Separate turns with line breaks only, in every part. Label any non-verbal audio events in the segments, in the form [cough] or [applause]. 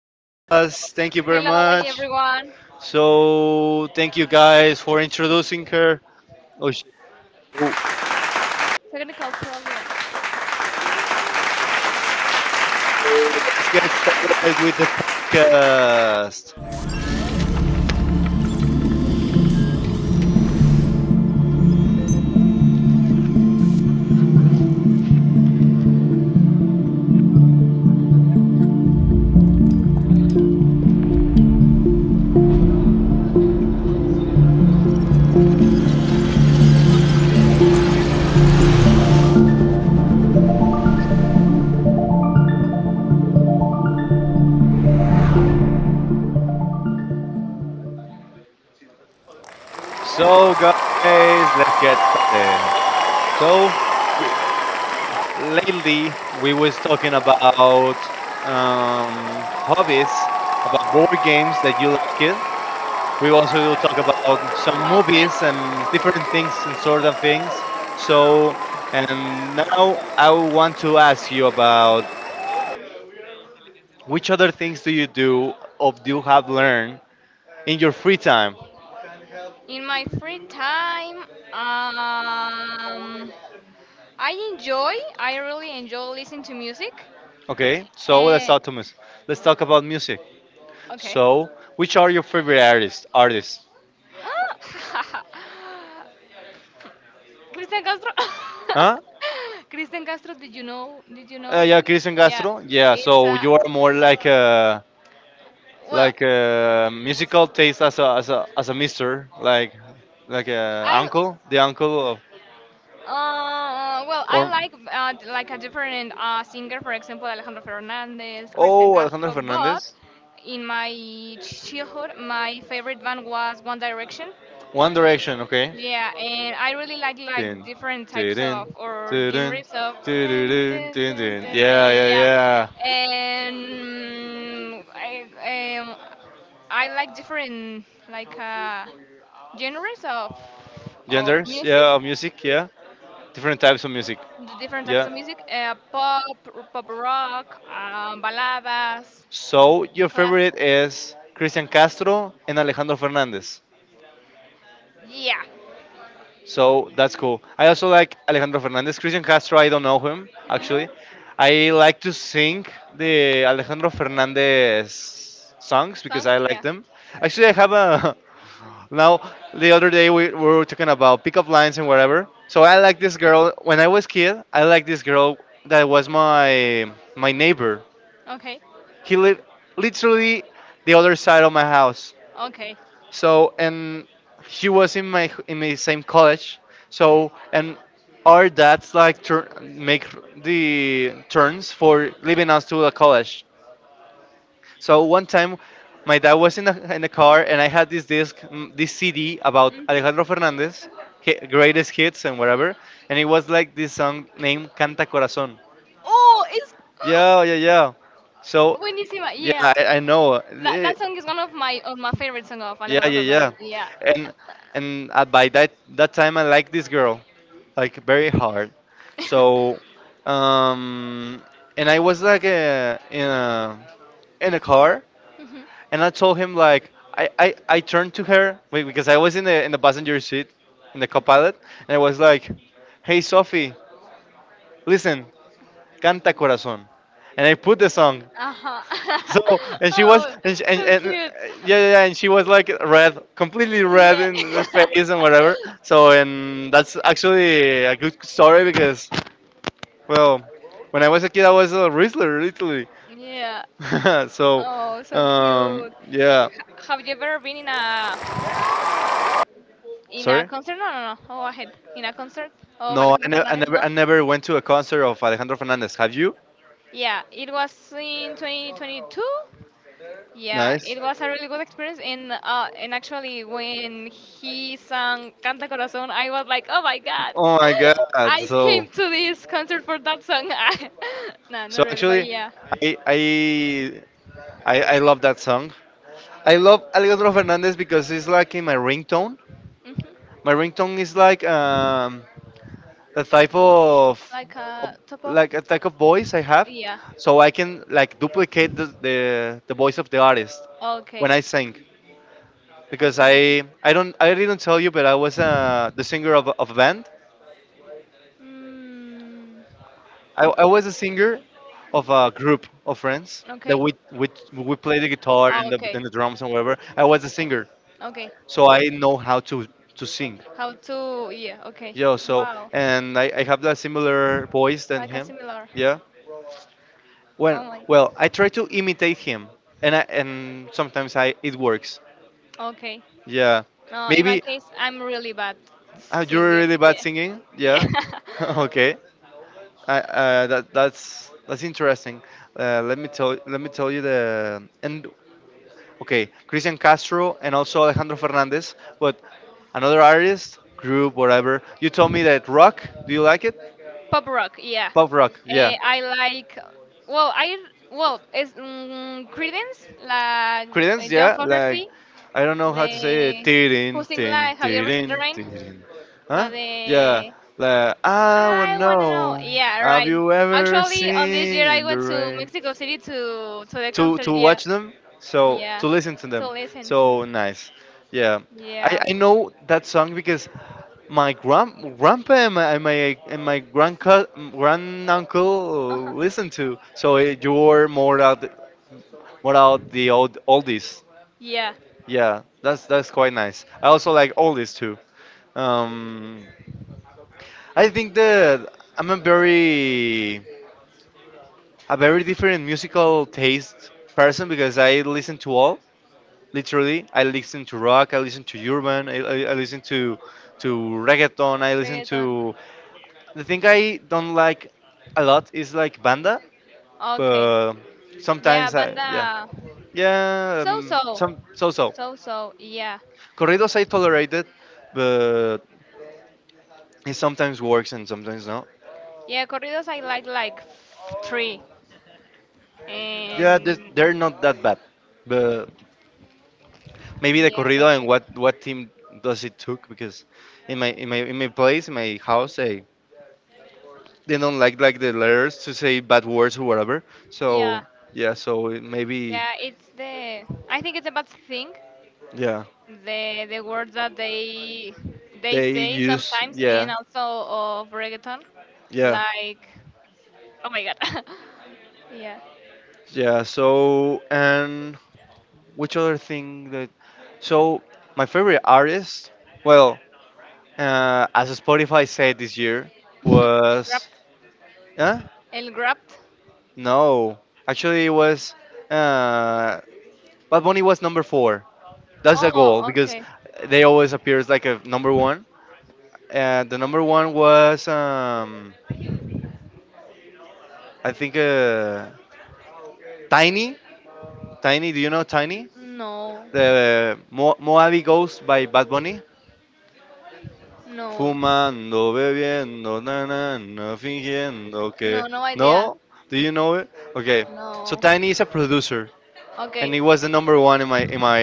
with us. Thank you very
Hello
much.
everyone.
So thank you guys for introducing her. Oh, sh- oh,
Technical problem
let's get started with the podcast. So, guys, let's get started. So lately we was talking about hobbies, about board games that you like it. We also do talk about some
about
movies and
pets.
different things and sort of things. So and now I want to ask you about which other things do you do or do you have learned in your free time?
In my free time, um, I enjoy. I really enjoy listening to music.
Okay, so let's
Eh,
talk to mus- Let's talk about music.
okay.
So, which are your favorite artists? Artists?
Ah, [laughs] Cristian Castro.
Huh?
[laughs] Cristian Castro. Did you know? Did you know?
Yeah, Christian
Yeah.
Castro. Yeah,
It's
so you are more
well.
like a musical taste as a mister, like a
I
uncle, the uncle of
Well, I
or
like like a different singer, for example, Alejandro Fernandez, Christian
oh Alejandro
Castro. But
Fernandez.
in my childhood, my favorite band was One Direction.
One Direction, okay.
Yeah, and I really like
Din,
like different types
din,
of or
din,
genres of dun,
din,
dun,
din,
dun,
din.
dun,
Yeah, yeah,
yeah,
yeah.
and I um, I like different like uh, genres of
Genders,
music.
yeah, of music, yeah. Different types of music,
The different types
yeah.
of music pop, pop rock, baladas,
So your favorite
classic.
is Christian Castro and Alejandro Fernandez.
Yeah.
So that's cool. I also like Alejandro Fernandez. Christian Castro, I don't know him
No?
actually. I like to sing the Alejandro Fernandez songs because
Songs?
I like
Yeah.
them. Actually, I have a [laughs] now the other day we were talking about pickup lines and whatever. So I like this girl when I was kid. I like this girl that was my neighbor.
Okay.
He lived literally the other side of my house.
Okay.
So and she was in my same college. So and our dads like tur make the turns for leaving us to the college. So one time, my dad was in the car and I had this disc, mm, this CD about
Mm.
Alejandro Fernandez, hi- greatest hits and whatever, and it was like this song named Canta Corazón.
Oh, it's.
Yeah,
[gasps]
yeah, yeah. So
Buenísima,
yeah,
yeah.
I know.
That song is one of my favorite song of yeah,
Yeah,
Alejandro
yeah, yeah.
Fernandez. Yeah.
And
[laughs]
and by that time, I liked this girl, like very hard. So, um, and I was like in a car,
So [laughs] mhm.
and I told him like I turned to her wait, because I was in the passenger seat in the
Okay.
copilot, and I was like, "Hey, Sophie, listen, canta corazón," and I put the song,
Uh-huh.
so and she was and, she,
[laughs]
and,
Oh, so
and
cute.
yeah, yeah yeah and she was like red, completely red in the face and whatever. So and that's actually a good story because
[laughs]
well, when I was a kid I was a wrestler literally.
Yeah.
[laughs] So
Oh, so cute. And
yeah,
have you ever been in a
sorry.
concert? No, no, no. Go ahead. In a concert of
No, I,
Alejandro
ne- I
Fernandez?
never I
No.
never went to a concert of Alejandro Fernandez. Have you?
Yeah, it was in 2022. Yeah,
Nice.
it was a really good experience. And actually, when he sang "Canta Corazón," I was like, "Oh my God,
Oh my
[laughs]
god.
I
So
came to this concert for that song." [laughs] No, not
so
really, but
actually
yeah.
I I I love that song. I love Alejandro Fernandez because it's like in my ringtone.
Mhm.
My ringtone is like the type
Like
of-
a top of
like a type of voice I have,
yeah.
so I can like
Okay.
duplicate the voice of the artist when I sing. Because
Okay.
I don't I didn't tell you, but I was the singer of a band.
Mm.
I was a singer of a group of friends that
Okay.
we play the guitar
Oh,
and the,
okay.
and the drums and whatever. I was a singer,
Okay.
so I know how to sing.
How to? Yeah. Okay.
Yeah, so
Wow.
and I have that similar voice than
Like a
him.
similar.
Yeah. When
Oh my.
well, I try to imitate him, and I and sometimes I it works.
Okay.
Yeah.
No, in my
Maybe
case, I'm really bad
you're
singing.
really bad singing.
Yeah. [laughs] Yeah.
Yeah. [laughs] Okay. I that that's interesting. Let me tell you the and okay Christian Castro and also Alejandro Fernandez, but another artist group whatever. You told me that rock. Do you like it?
Pop rock. Yeah.
Pop rock. Yeah.
I like. Well, I well, it's Creedence, like
Credence,
John
yeah, like
Fogerty,
I don't know how
the
to say it.
who
Tirin,
sing
tin,
like have you ever seen the
tirin,
rain?
tirin.
La
Huh? Yeah.
de
Like I would
I want to know.
know.
Yeah,
Have
right.
you ever
Actually, on this year I
seen the
went to
rain?
Mexico City to the
To
concert. Yeah,
watch them, so
yeah,
to listen to
to
them.
listen.
So nice. Yeah. I,
Yeah.
I know that song because my grand grandpa and my and my grandca grand
Uh-huh.
uncle listen to. So eh, you're more out the old oldies.
Yeah.
Yeah, that's quite nice. I also like oldies too. Um, I think that I'm a very different musical taste person because I listen to all. Literally, I listen to rock, I listen to urban, I listen to reggaeton, I listen
Reggaeton.
to. The thing I don't like a lot is like banda,
Okay.
but
Yeah,
sometimes I yeah
banda.
yeah
So so.
some so so
So so. Yeah.
corridos I tolerated, but it sometimes works and sometimes not.
Yeah, corridos I like three.
Yeah, they- they're
And
not that bad, but maybe the
yeah,
corrido
that's
and
it.
what team does it took because in my place in my house they don't like the letters to say bad words or whatever.
Yeah.
So yeah, so it maybe
Yeah, it's the. I think it's a bad thing
yeah
the words that they
they
say
use
sometimes and
yeah
also of reggaeton
yeah
like oh my god. [laughs] Yeah.
yeah. So and which other thing that so my favorite artist well as Spotify said this year
[laughs] El rap.
was. Huh?
El rap.
No, actually, it was. Uh, Bad Bunny was number four. That's a goal
Oh,
because
okay.
they always appears like a number one. And the number one was, I think, Tiny. Tiny, do you know Tiny?
No,
The Mo- Moabi Ghost by Bad Bunny.
no,
Fumando, bebiendo, na na na, fingiendo que.
no. No idea.
No, do you know it? Okay, so
No.
Tiny is a producer, and
Okay.
he was the number one in my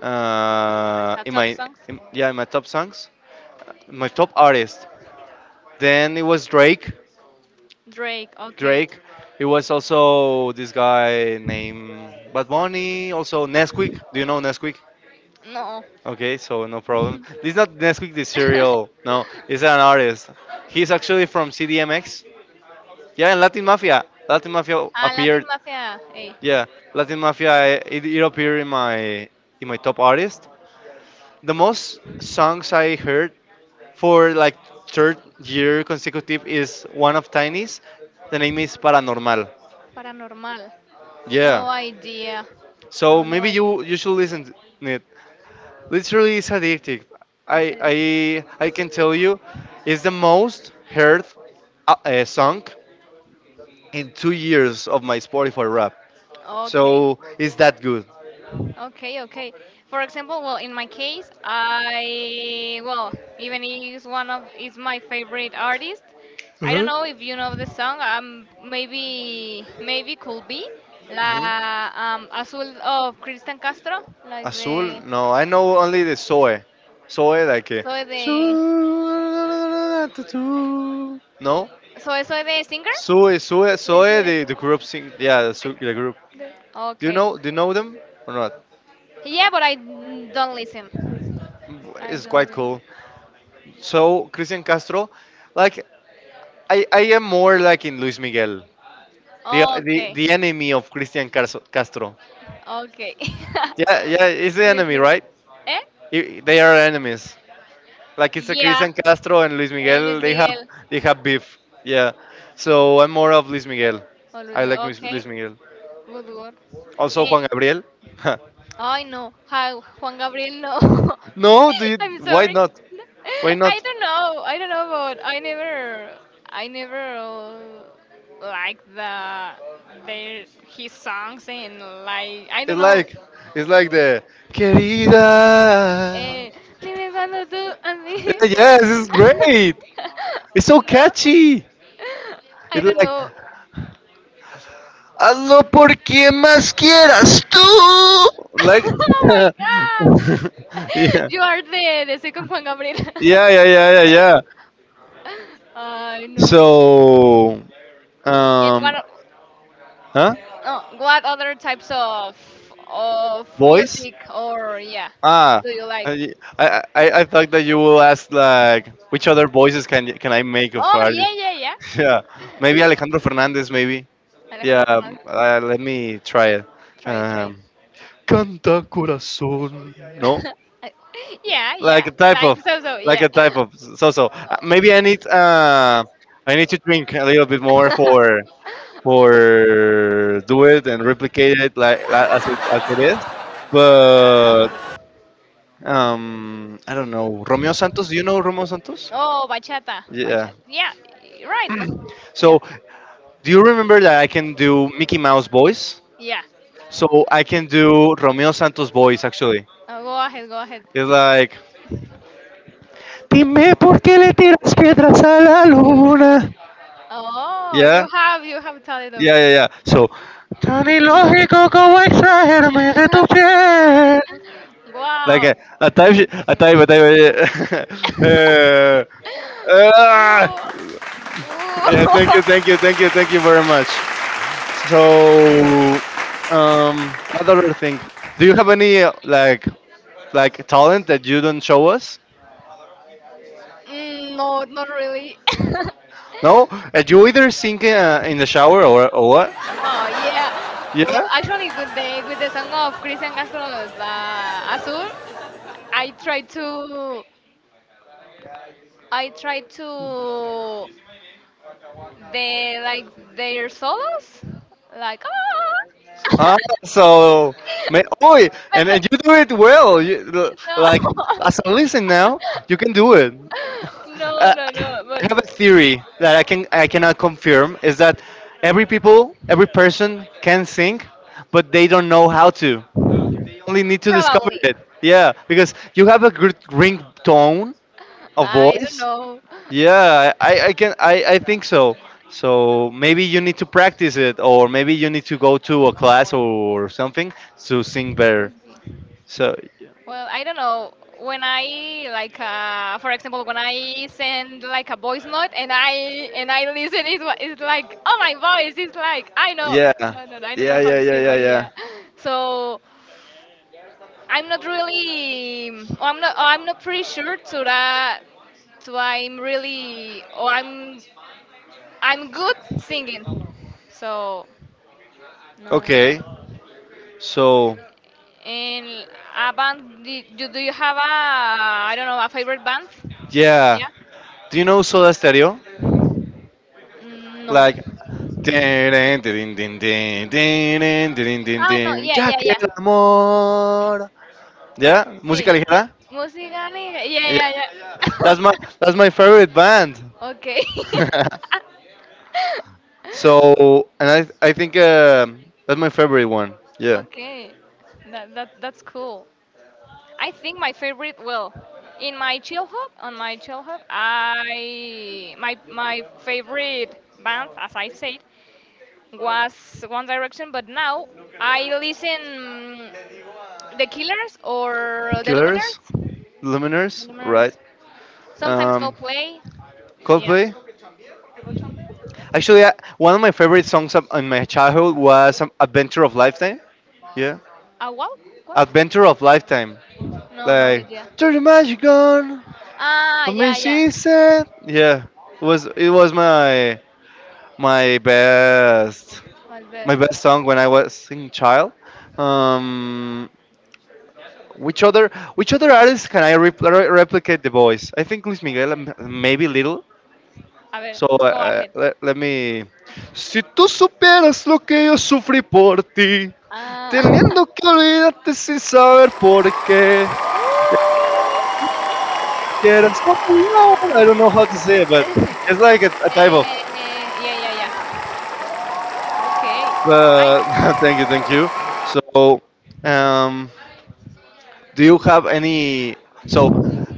in
Catch up
my
songs.
in, yeah in my top songs my top artist then it was Drake.
Drake, okay.
Drake. It was also this guy named Bad Bunny, also Nesquik. Do you know Nesquik?
No.
Okay, so no problem, this is not Nesquik the cereal,
[laughs]
no it's an artist. He's actually from CDMX. Yeah, and Latin Mafia. Latin Mafia
Ah, Latin
appeared,
Mafia, ey,
yeah. Latin Mafia, it appeared in my top artist. The most songs I heard for like third year consecutive is one of Tiny's. The name is Paranormal.
paranormal.
Yeah.
No idea.
So
No, no
maybe
idea.
you you should listen to it. Literally, it's addictive. I
It's a-
I I can tell you, it's the most heard song in 2 years of my Spotify rap.
okay.
So it's that good.
Okay, okay. For example, well, in my case, I well, even is one of is my favorite artist. I don't
Hmm.
know if you know the song. Maybe maybe could be
Hmm.
la Azul of Cristian Castro, like
Azul?
the
No, I know only the Zoe. Zoe, like.
Soy de...
Zoe, no?
Soy, soy de singer.
Sue, Sue,
Soy, soy
Sue,
de
the
singer.
group sing, yeah, the, Sue- the group.
Okay.
Do you know them or not?
Yeah, but I don't listen. I
It's
don't
quite
listen.
cool. So Christian Castro, like I am more like in Luis Miguel, the the,
Okay.
the enemy of Christian Castro. Castro.
Okay.
Yeah, yeah, it's
[laughs]
the
Luis
enemy,
Miguel.
right?
Eh?
I- They are enemies. Like it's a
Yeah.
Christian Castro and Luis
Eh,
Miguel.
Luis Miguel.
They have beef. Yeah. So I'm more of Luis Miguel.
Oh, Luis
I like
Miguel.
Luis
Okay.
Luis Miguel.
Good word.
Also
Eh,
Juan Gabriel.
I know how Juan Gabriel. No,
[laughs] No, do you,
[laughs] I'm
why
sorry.
not?
No.
Why
I
not?
don't know. I don't know, but I never, I never like the their his songs and like I
It's
don't know.
like it's like the querida.
Eh, dime cuando tú a mí.
Yeah, yes, it's
[laughs]
great. It's
I
so
know.
catchy.
I
It's
don't
like
know.
hazlo por quien más quieras tú.
[laughs]
Like
Oh my God! [laughs]
[laughs] yeah,
You are the second Juan Gabriel.
yeah, yeah, yeah, yeah, yeah.
[laughs] I know.
So
And one.
um, huh?
Oh, what other types of
Voice?
music or yeah
Ah,
do you like?
I, I I thought that you will ask like which other voices can I make of
Oh yeah
artists?
yeah yeah.
[laughs] Yeah, maybe Alejandro Fernandez, maybe. Yeah,
Alejandro Fernandez,
let me try it.
try it, try it.
Um, Canta corazón. No,
[laughs] Yeah yeah,
like a type
like
of,
so so
like
yeah.
a type of. So so maybe I need to drink a little bit more
[laughs]
for do it and replicate it like as it is. But I don't know Romeo Santos. Do you know Romeo Santos?
Oh bachata,
Yeah.
bachata. Yeah, right. No. Yeah
So do you remember that I can do Mickey Mouse voice?
yeah.
So I can do Romeo Santos voice actually.
Oh, go ahead, go ahead.
It's like, Dime por qué le tiras piedras a la luna.
Oh,
Yeah,
you have talent. Of-
yeah, yeah, yeah. So, Tan ilógico como extraerme de tu
[laughs]
piel. Like
wow.
a type, sh- a type, a type. [laughs] uh,
[laughs]
uh,
Whoa.
yeah, thank you,
Whoa. [laughs]
thank you, thank you, thank you very much. So, what other thing? Do you have any like talent that you don't show us?
No, not really. [laughs]
No, that you either sing in the shower or what?
Oh yeah. Well,
Yeah.
actually, with the song of Cristian Castro, La Azul, I tried to I tried to the like their solos, like ah.
Ah,
[laughs]
so, man, oh,
But-
and
but-
you do it well. You, l- like, as I listen now, you can do it.
no, [laughs] no, no, no.
I
But
have a theory that I can I cannot confirm is that every people, every person can sing, but they don't know how to. Only need to discover
probably,
it. Yeah, because you have a good ring tone of
I don't
voice.
know.
Yeah, I can I think so. So maybe you need to practice it or maybe you need to go to a class or something to sing better.
Could be.
So yeah.
Well, I don't know. When I like, for example, when I send like a voice note and I listen, it's like, oh my voice, it's like I know.
Yeah,
No, no, no, I don't know
yeah,
how
yeah,
to say,
yeah,
but
yeah.
yeah. So I'm not really, or I'm not pretty sure to that. To I'm really, or I'm good singing. So no, no,
Okay.
no.
So
And a band, did you, do you have a, I don't know, a favorite band?
yeah.
Yeah?
Do you know Soda Stereo?
No.
Like Tin, tin, tin, tin, tin, tin, tin, tin,
Ah, no,
tin,
yeah,
Ya
yeah,
que
yeah.
el amor. Yeah, música
Sí.
ligera.
Música negra. Yeah,
Yeah,
yeah, yeah.
that's my that's my favorite band.
[laughs] Okay.
[laughs]
[laughs]
So, and I think that's my favorite one. Yeah,
Okay. That's cool. I think my favorite, well, in my childhood, on my childhood, my, my favorite band, as I said, was One Direction, but now I listen The Killers or the
Killers,
Luminers? The
Luminers, right?
Luminers. Sometimes go
Um,
play. Yeah.
Coldplay. Actually, one of my favorite songs in my childhood was Adventure of Lifetime. Yeah,
A wow? What?
Adventure of Lifetime.
No, no
Like
idea.
turn the magic on,
Ah,
I mean
yeah, yeah.
she said. Yeah, it was my my best
My
my
best.
best song when I was in child. Um, Which other which other artists can I replicate the voice? I think Luis Miguel, maybe little.
A ver,
So
go ahead.
let me. Si tú supieras lo que yo sufrí por ti,
Ah. [laughs]
teniendo que olvidarte sin saber por qué.
Woo!
Quieres volar. I don't know how to say it, but
[laughs] Eh,
it's like a type of.
yeah, yeah, yeah. Okay. I
Uh, [laughs] thank you, thank you. So um, do you have any? So,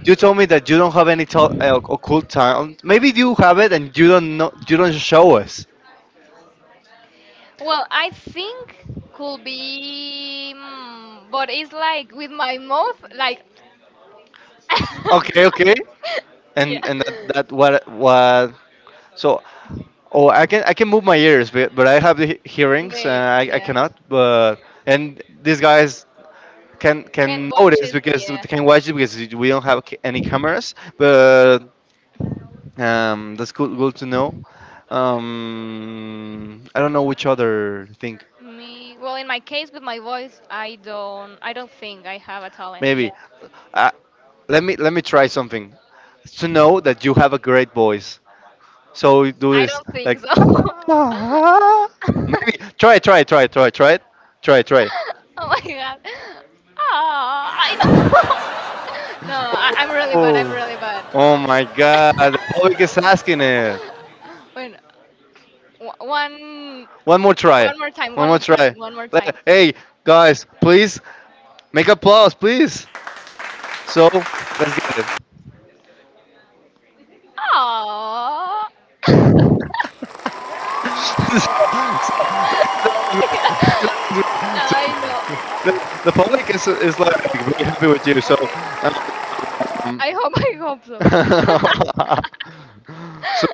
you told me that you don't have any occult talent. Maybe you have it and you don't know. You don't show us.
well, I think could be, but it's like with my mouth, like
Okay, okay.
[laughs] yeah.
And that, that what what? So, oh, I can move my ears, but I have the hearings and
They
I
yeah
cannot. But and these guys can
can
can
watch
notice
it.
because they
Yeah.
can watch it because we don't have any cameras. But that's cool, good to know. I don't know which other thing.
Me well, in my case with my voice, I don't. I don't think I have a talent. Yeah.
Maybe. Uh, let me try something. To know that you have a great voice. So you do
I
this
don't think so.
like
[laughs]
[laughs]
Oh
maybe try it, try it, try it, try it, try it. Try it, try it.
my god. Oh, I don't. [laughs] No, I'm really bad.
Oh.
I'm really bad.
Oh my god, the public is asking it.
[laughs] Wait, w- one,
One more try.
one more time.
One
One
more
more
try.
time. One more time.
Hey guys, please make applause, please. So let's get it.
Aww. [laughs]
[laughs] so, so, [laughs] that's great. [laughs] That's great.
No,
So
I know.
the public is like very happy with you. So
Okay.
um,
I hope. [laughs] I hope so.
[laughs] so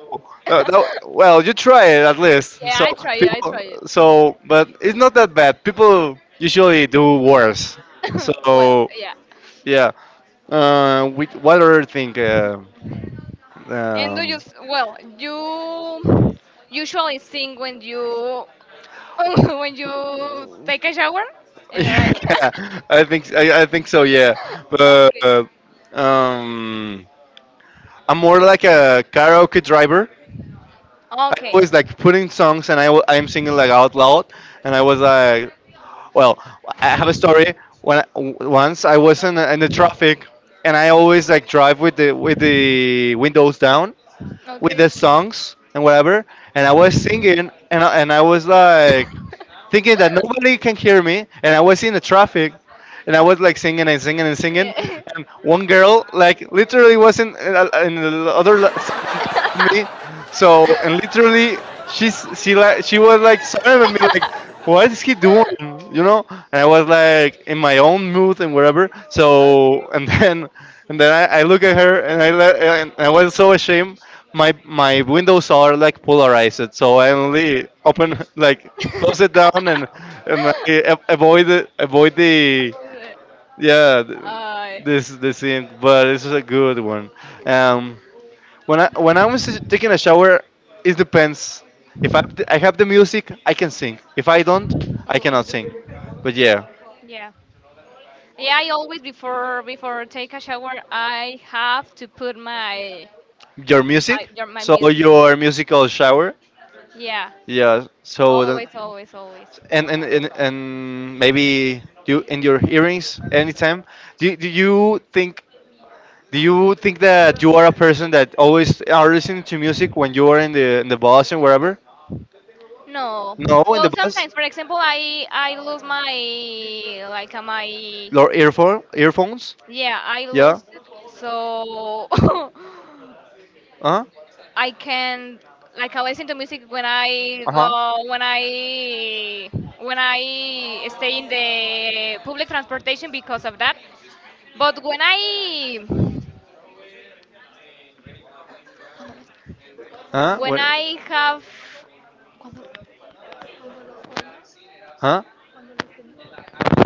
that,
[laughs]
well, you try it at least.
Yeah,
So
I try it. I try
people,
it.
so but it's not that bad. People usually do worse.
[laughs] Well,
So
yeah.
yeah. Which, what other thing?
And do you?
Um,
Well, you usually sing when you [laughs] when you take a shower
[laughs]
and you're like.
yeah, I think so. Yeah, but
[laughs]
um. I'm more like a karaoke driver. I
Okay.
always
Okay.
like putting songs and I'm singing like out loud. And I was like, well, I have a story. Once I was in the traffic, and I always like drive with the windows down with the
[laughs]
songs and whatever. And I was singing and and I was like thinking that nobody can hear me. And I was in the traffic. And I was like singing and singing and singing, and one girl like literally was in the other me. So and literally she was like staring at me like what is he doing? You know? And I was like in my own mood and whatever. So and [laughs] then I look at her and and I was so ashamed. My windows are like polarized, so I only open [laughs] like close it down and avoid it avoid the
How was it?
yeah th- this thing. But it's a good one. Um, when I when I'm s- taking a shower, it depends. If I I have the music, I can sing. If I don't, I
Oh,
cannot sing. But yeah,
yeah. Yeah, I always before before take a shower, I have to put my
your music.
my
So
music.
your musical shower.
Yeah.
Yeah. So that,
Always, always, always.
and maybe you in your earrings anytime. Do do you think that you are a person that always are listening to music when you are in the bus and wherever?
No.
No, in the
Well,
bus.
sometimes, for example, I lose my like my
Your earphones.
yeah, I
Yeah.
lost it. So [laughs]
Uh huh.
I can like I listen to music when I
Uh
go
huh.
when I stay in the public transportation because of that. But
Huh?
when
What?
I have
Huh?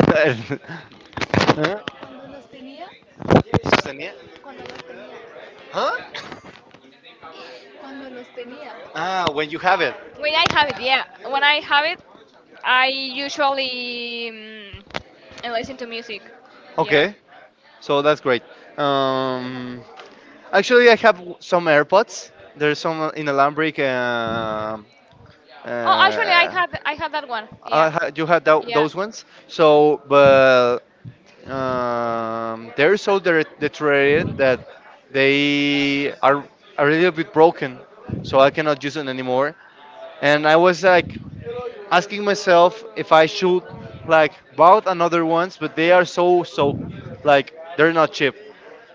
[laughs] huh? Sostenía? Huh? Ah, when you have it.
when I have it, yeah, when I have it, I usually um, I listen to music. Yeah.
Okay, so that's great. Um, actually, I have some AirPods. There's some inalambric.
Oh, actually,
Uh,
I had that one. Yeah.
you had
Yeah.
those ones. So, but they're so deteriorated that they are a little bit broken. So I cannot use it anymore. And I was like asking myself if I should like bought another ones, but they are so like they're not cheap.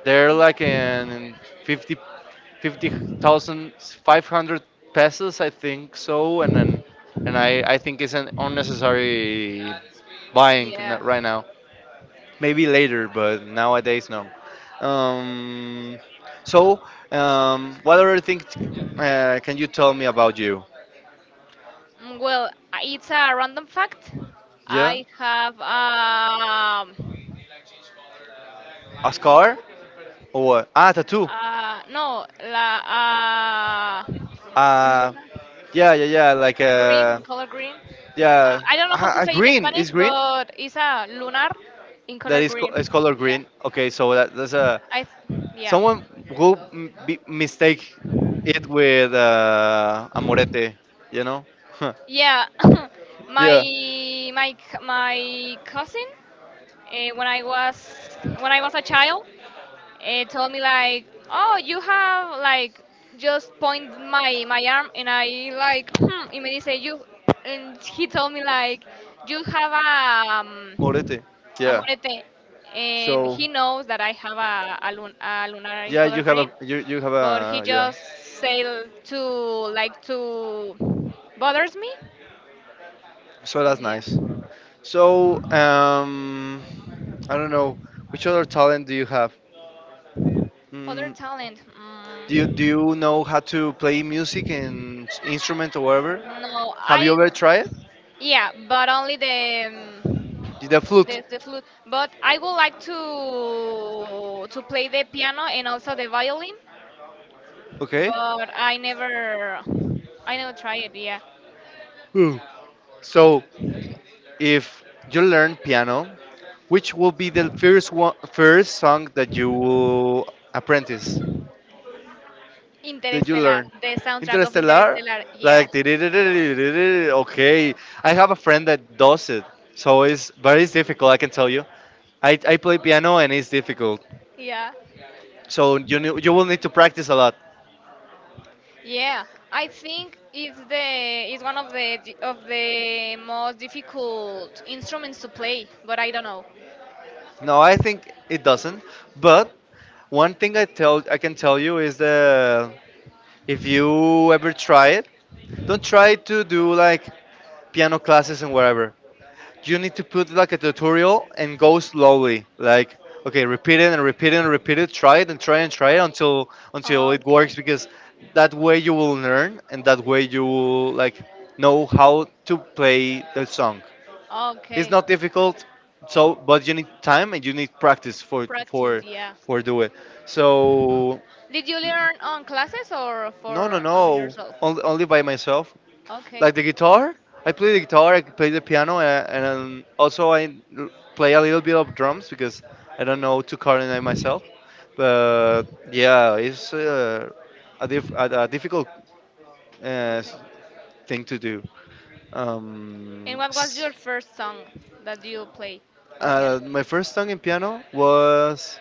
They're
Yeah.
like in 50 50,000 500 pesos, I think so, and then and I think it's an unnecessary buying
Yeah.
right now. Maybe later, but nowadays no. Um, so what other thing can you tell me about you?
Well, it's a random fact.
Yeah,
I have
a scar or what? Ah, tattoo.
no la
Uh, yeah, yeah, yeah. Like,
green, color green.
yeah,
I don't know how to say in
green is
Spanish,
green.
but it's a lunar in color green.
Is color
Yeah,
green. Okay, so that's a
yeah,
someone who mistake it with a morete. You know? [laughs]
yeah. [laughs] [coughs]
yeah,
My cousin, when I was a child, told me like, oh, you have like just point my arm, and I like, [clears throat] and he say you, and he told me like, you have a.
morete. Yeah.
Amorete. And
So
he knows that I have a lunar in
yeah,
color
you have
green,
a you you have
but he
a yeah.
just said to like to bothers me.
So that's
Yeah.
nice. So I don't know which other talent do you have?
Other
Mm,
talent.
Do you know how to play music and instrument or whatever?
No,
Have you
I.
ever tried?
Yeah, but only um,
It? The flute,
the flute. But I would like to play the piano and also the violin,
okay?
but I never try it. Yeah.
Hmm. So, if you learn piano, which will be the first one, first song that you will apprentice, that you
Interstellar,
learn?
the soundtrack of
Interstellar?
Interstellar. Yeah.
Like, "Tiririririririr." Okay. I have a friend that does it. So, it's, but it's difficult, I can tell you. I play piano and it's difficult.
Yeah.
So, you will need to practice a lot.
Yeah, I think it's the it's one of the most difficult instruments to play, but I don't know.
No, I think it doesn't. But one thing I can tell you is that if you ever try it, don't try to do like piano classes and wherever. You need to put like a tutorial and go slowly. Like okay, repeat it and repeat it and repeat it. Try it and try it until it works because that
Okay.
way you will learn and that way you will like know how to play the song. It's
Okay.
not difficult, so but you need time and you need practice for
Practice, yeah.
do it. So
Did you learn on classes or
no, no,
for on
no,
yourself?
only, only by myself.
Okay.
Like the guitar, I play the guitar, I play the piano, and also play a little bit of drums because I don't know to coordinate myself. But yeah, it's a difficult uh, s- thing to do.
And
Um,
what was
s-
your first song that you play on piano?
my first song in piano was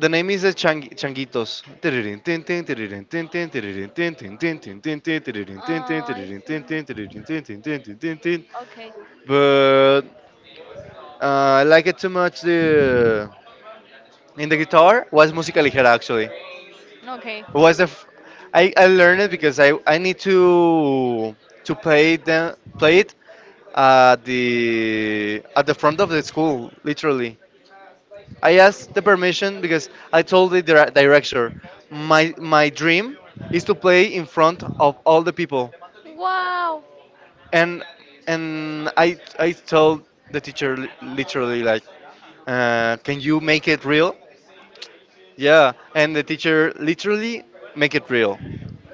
the name is the Chang Changuitos. Tiririn, tin, tin, tiririn, tin, tin, tiririn, tin, tin, tin, tin, tin, tin, tiririn,
Oh,
tin, tin,
I
tiririn, tin,
think.
tin, tiririn, tin, tin, tin, tin, tin, tin.
Okay.
But I like it too much. The in the guitar was música ligera actually.
Okay.
Was the f- I learned it because I need to play it at the front of the school literally I asked the permission because I told the director my dream is to play in front of all the people,
Wow.
and I told the teacher literally like, can you make it real? Yeah, and the teacher literally make it real,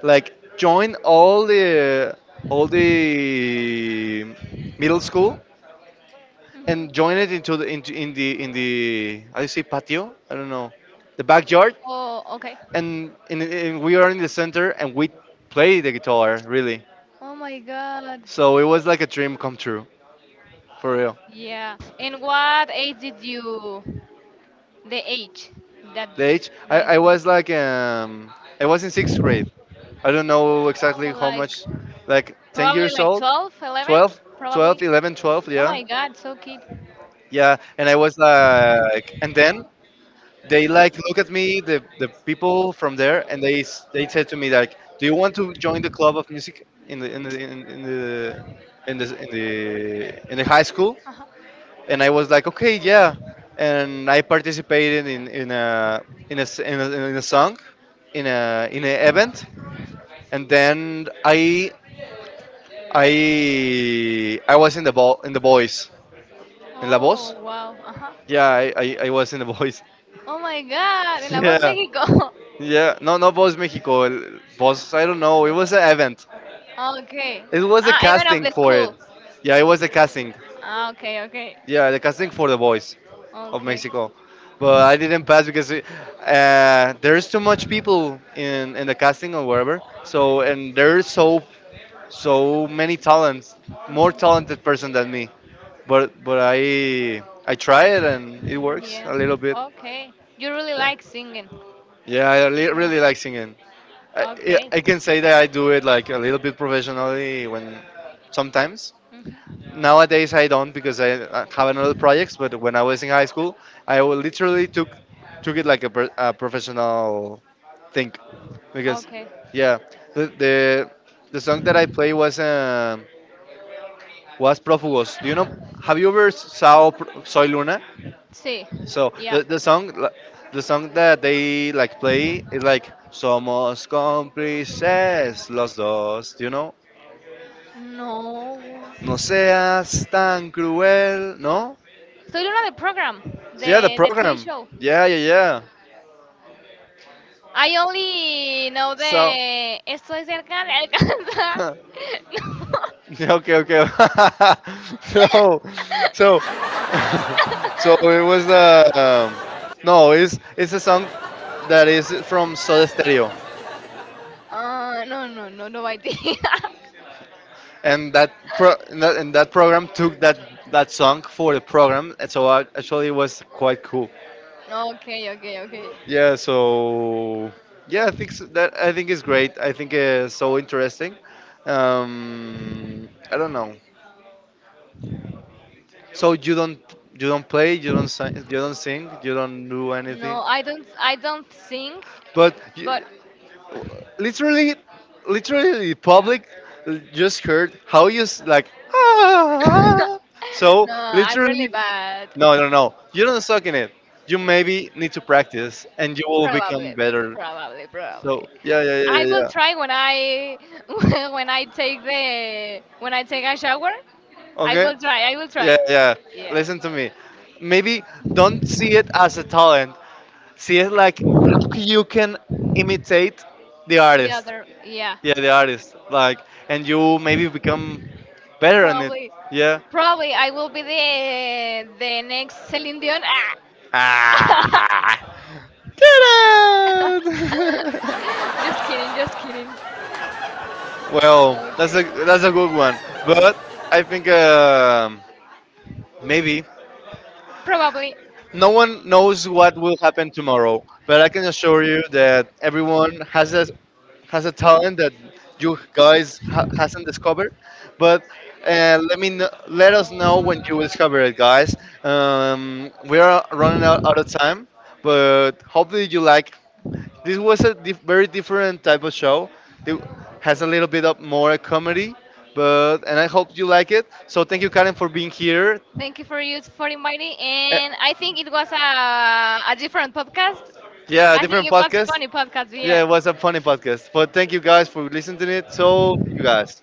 like join all the middle school and join it into the into in the I say patio I don't know the backyard
Oh, okay.
and, and we are in the center and we play the guitar really
Oh my God.
so it was like a dream come true for real.
Yeah. And what age did you? The age that
The age
the age?
I was like I was in sixth grade. I don't know
Oh,
exactly how
like
much, like 10
probably
years
like
old.
12, 11,
12,
probably.
12 11, 12,
Oh
yeah
my God, so kid.
yeah and I was like and then they like look at me the people from there and they said to me like do you want to join the club of music in the in the in the high school
Ajá.
and I was like okay yeah and I participated in a in a song in an event and then I was in the ball in the boys in la
Oh
voz
wow. Ajá.
yeah I was in the boys
Oh my God.
[laughs]
En La Voz
yeah
México. [laughs]
Yeah, no, no, Boss Mexico. Boss, I don't know. It was an event.
Okay.
It was a
Ah, even of
casting
the
for it.
school.
Yeah, it was a casting.
Ah, okay, okay,
Yeah, the casting for the voice of
okay.
Mexico. But I didn't pass because there's too much people in the casting or wherever. So and there's so many talents, more talented person than me. But I try it and it works
Yeah.
a little bit.
Okay. You really
Yeah,
like singing.
yeah,
Yeah.
really like singing.
Okay.
I can say that I do it like a little bit professionally when sometimes.
Hmm.
Nowadays I don't because I have another projects. But when I was in high school, literally took took it like a professional thing because
Okay.
yeah, the the, the song that I play was Prófugos. Do you know? Have you ever saw Soy Luna?
Sí.
So
Yeah.
the song that they like play is like Somos cómplices los dos, do you know?
No.
No seas tan cruel, no?
Estoy en una de program,
Yeah, the
de, de TV
program.
show.
Yeah, yeah, yeah.
I only know
So
the estoy cerca de alcanzar.
[laughs]
[laughs]
yeah, okay, okay. [laughs] so so [laughs] so it was no, it's a song that is from Soda Stereo.
No. No, no, no, no idea. [laughs]
And that pro and that program took that that song for the program and so I, actually it was quite cool
Okay, okay, okay.
yeah so yeah I think so, that I think is great I think it's so interesting I don't know so you don't play you don't sing you don't do anything
No, I don't sing, eh,
but you,
but
literally literally the public just heard how you s- like
[laughs]
[laughs] so
no, I'm really
literally
bad.
No, no, no. You don't suck in it. You maybe need to practice, and you will
Probably,
become better.
probably, probably.
So yeah, yeah, yeah,
I
yeah,
will
yeah.
try when I [laughs] when I take the when I take a shower. I
Okay.
will try. I will
Yeah,
try.
yeah.
Yeah.
Listen to me. Maybe don't see it as a talent. See it like how you can imitate the
The
artist.
other, yeah.
Yeah, the artist. Like, and you maybe become better in it.
Probably,
Yeah.
probably I will be the next Celine Dion. Ah.
Ah. [laughs]
[laughs]
Ta-da! [laughs]
Just kidding, just kidding.
Well,
Okay.
that's a good one, but I think
Prefer.
maybe
Probably.
no one knows what will happen tomorrow. But I can assure you that everyone has a talent that hasn't discovered. But let us know when you will discover it, guys. We are running out, out of time, but hopefully you like this was a very different type of show. It has a little bit of more comedy, but and I hope you like it. So thank you, Karen, for being here.
Thank you for you for inviting,
Uh,
and I think it was a different podcast.
yeah,
Yeah I think
different
it was okay.
podcast.
Funny podcast. Yeah.
Yeah, it was a funny podcast, but thank you guys for listening to it. So, see you guys.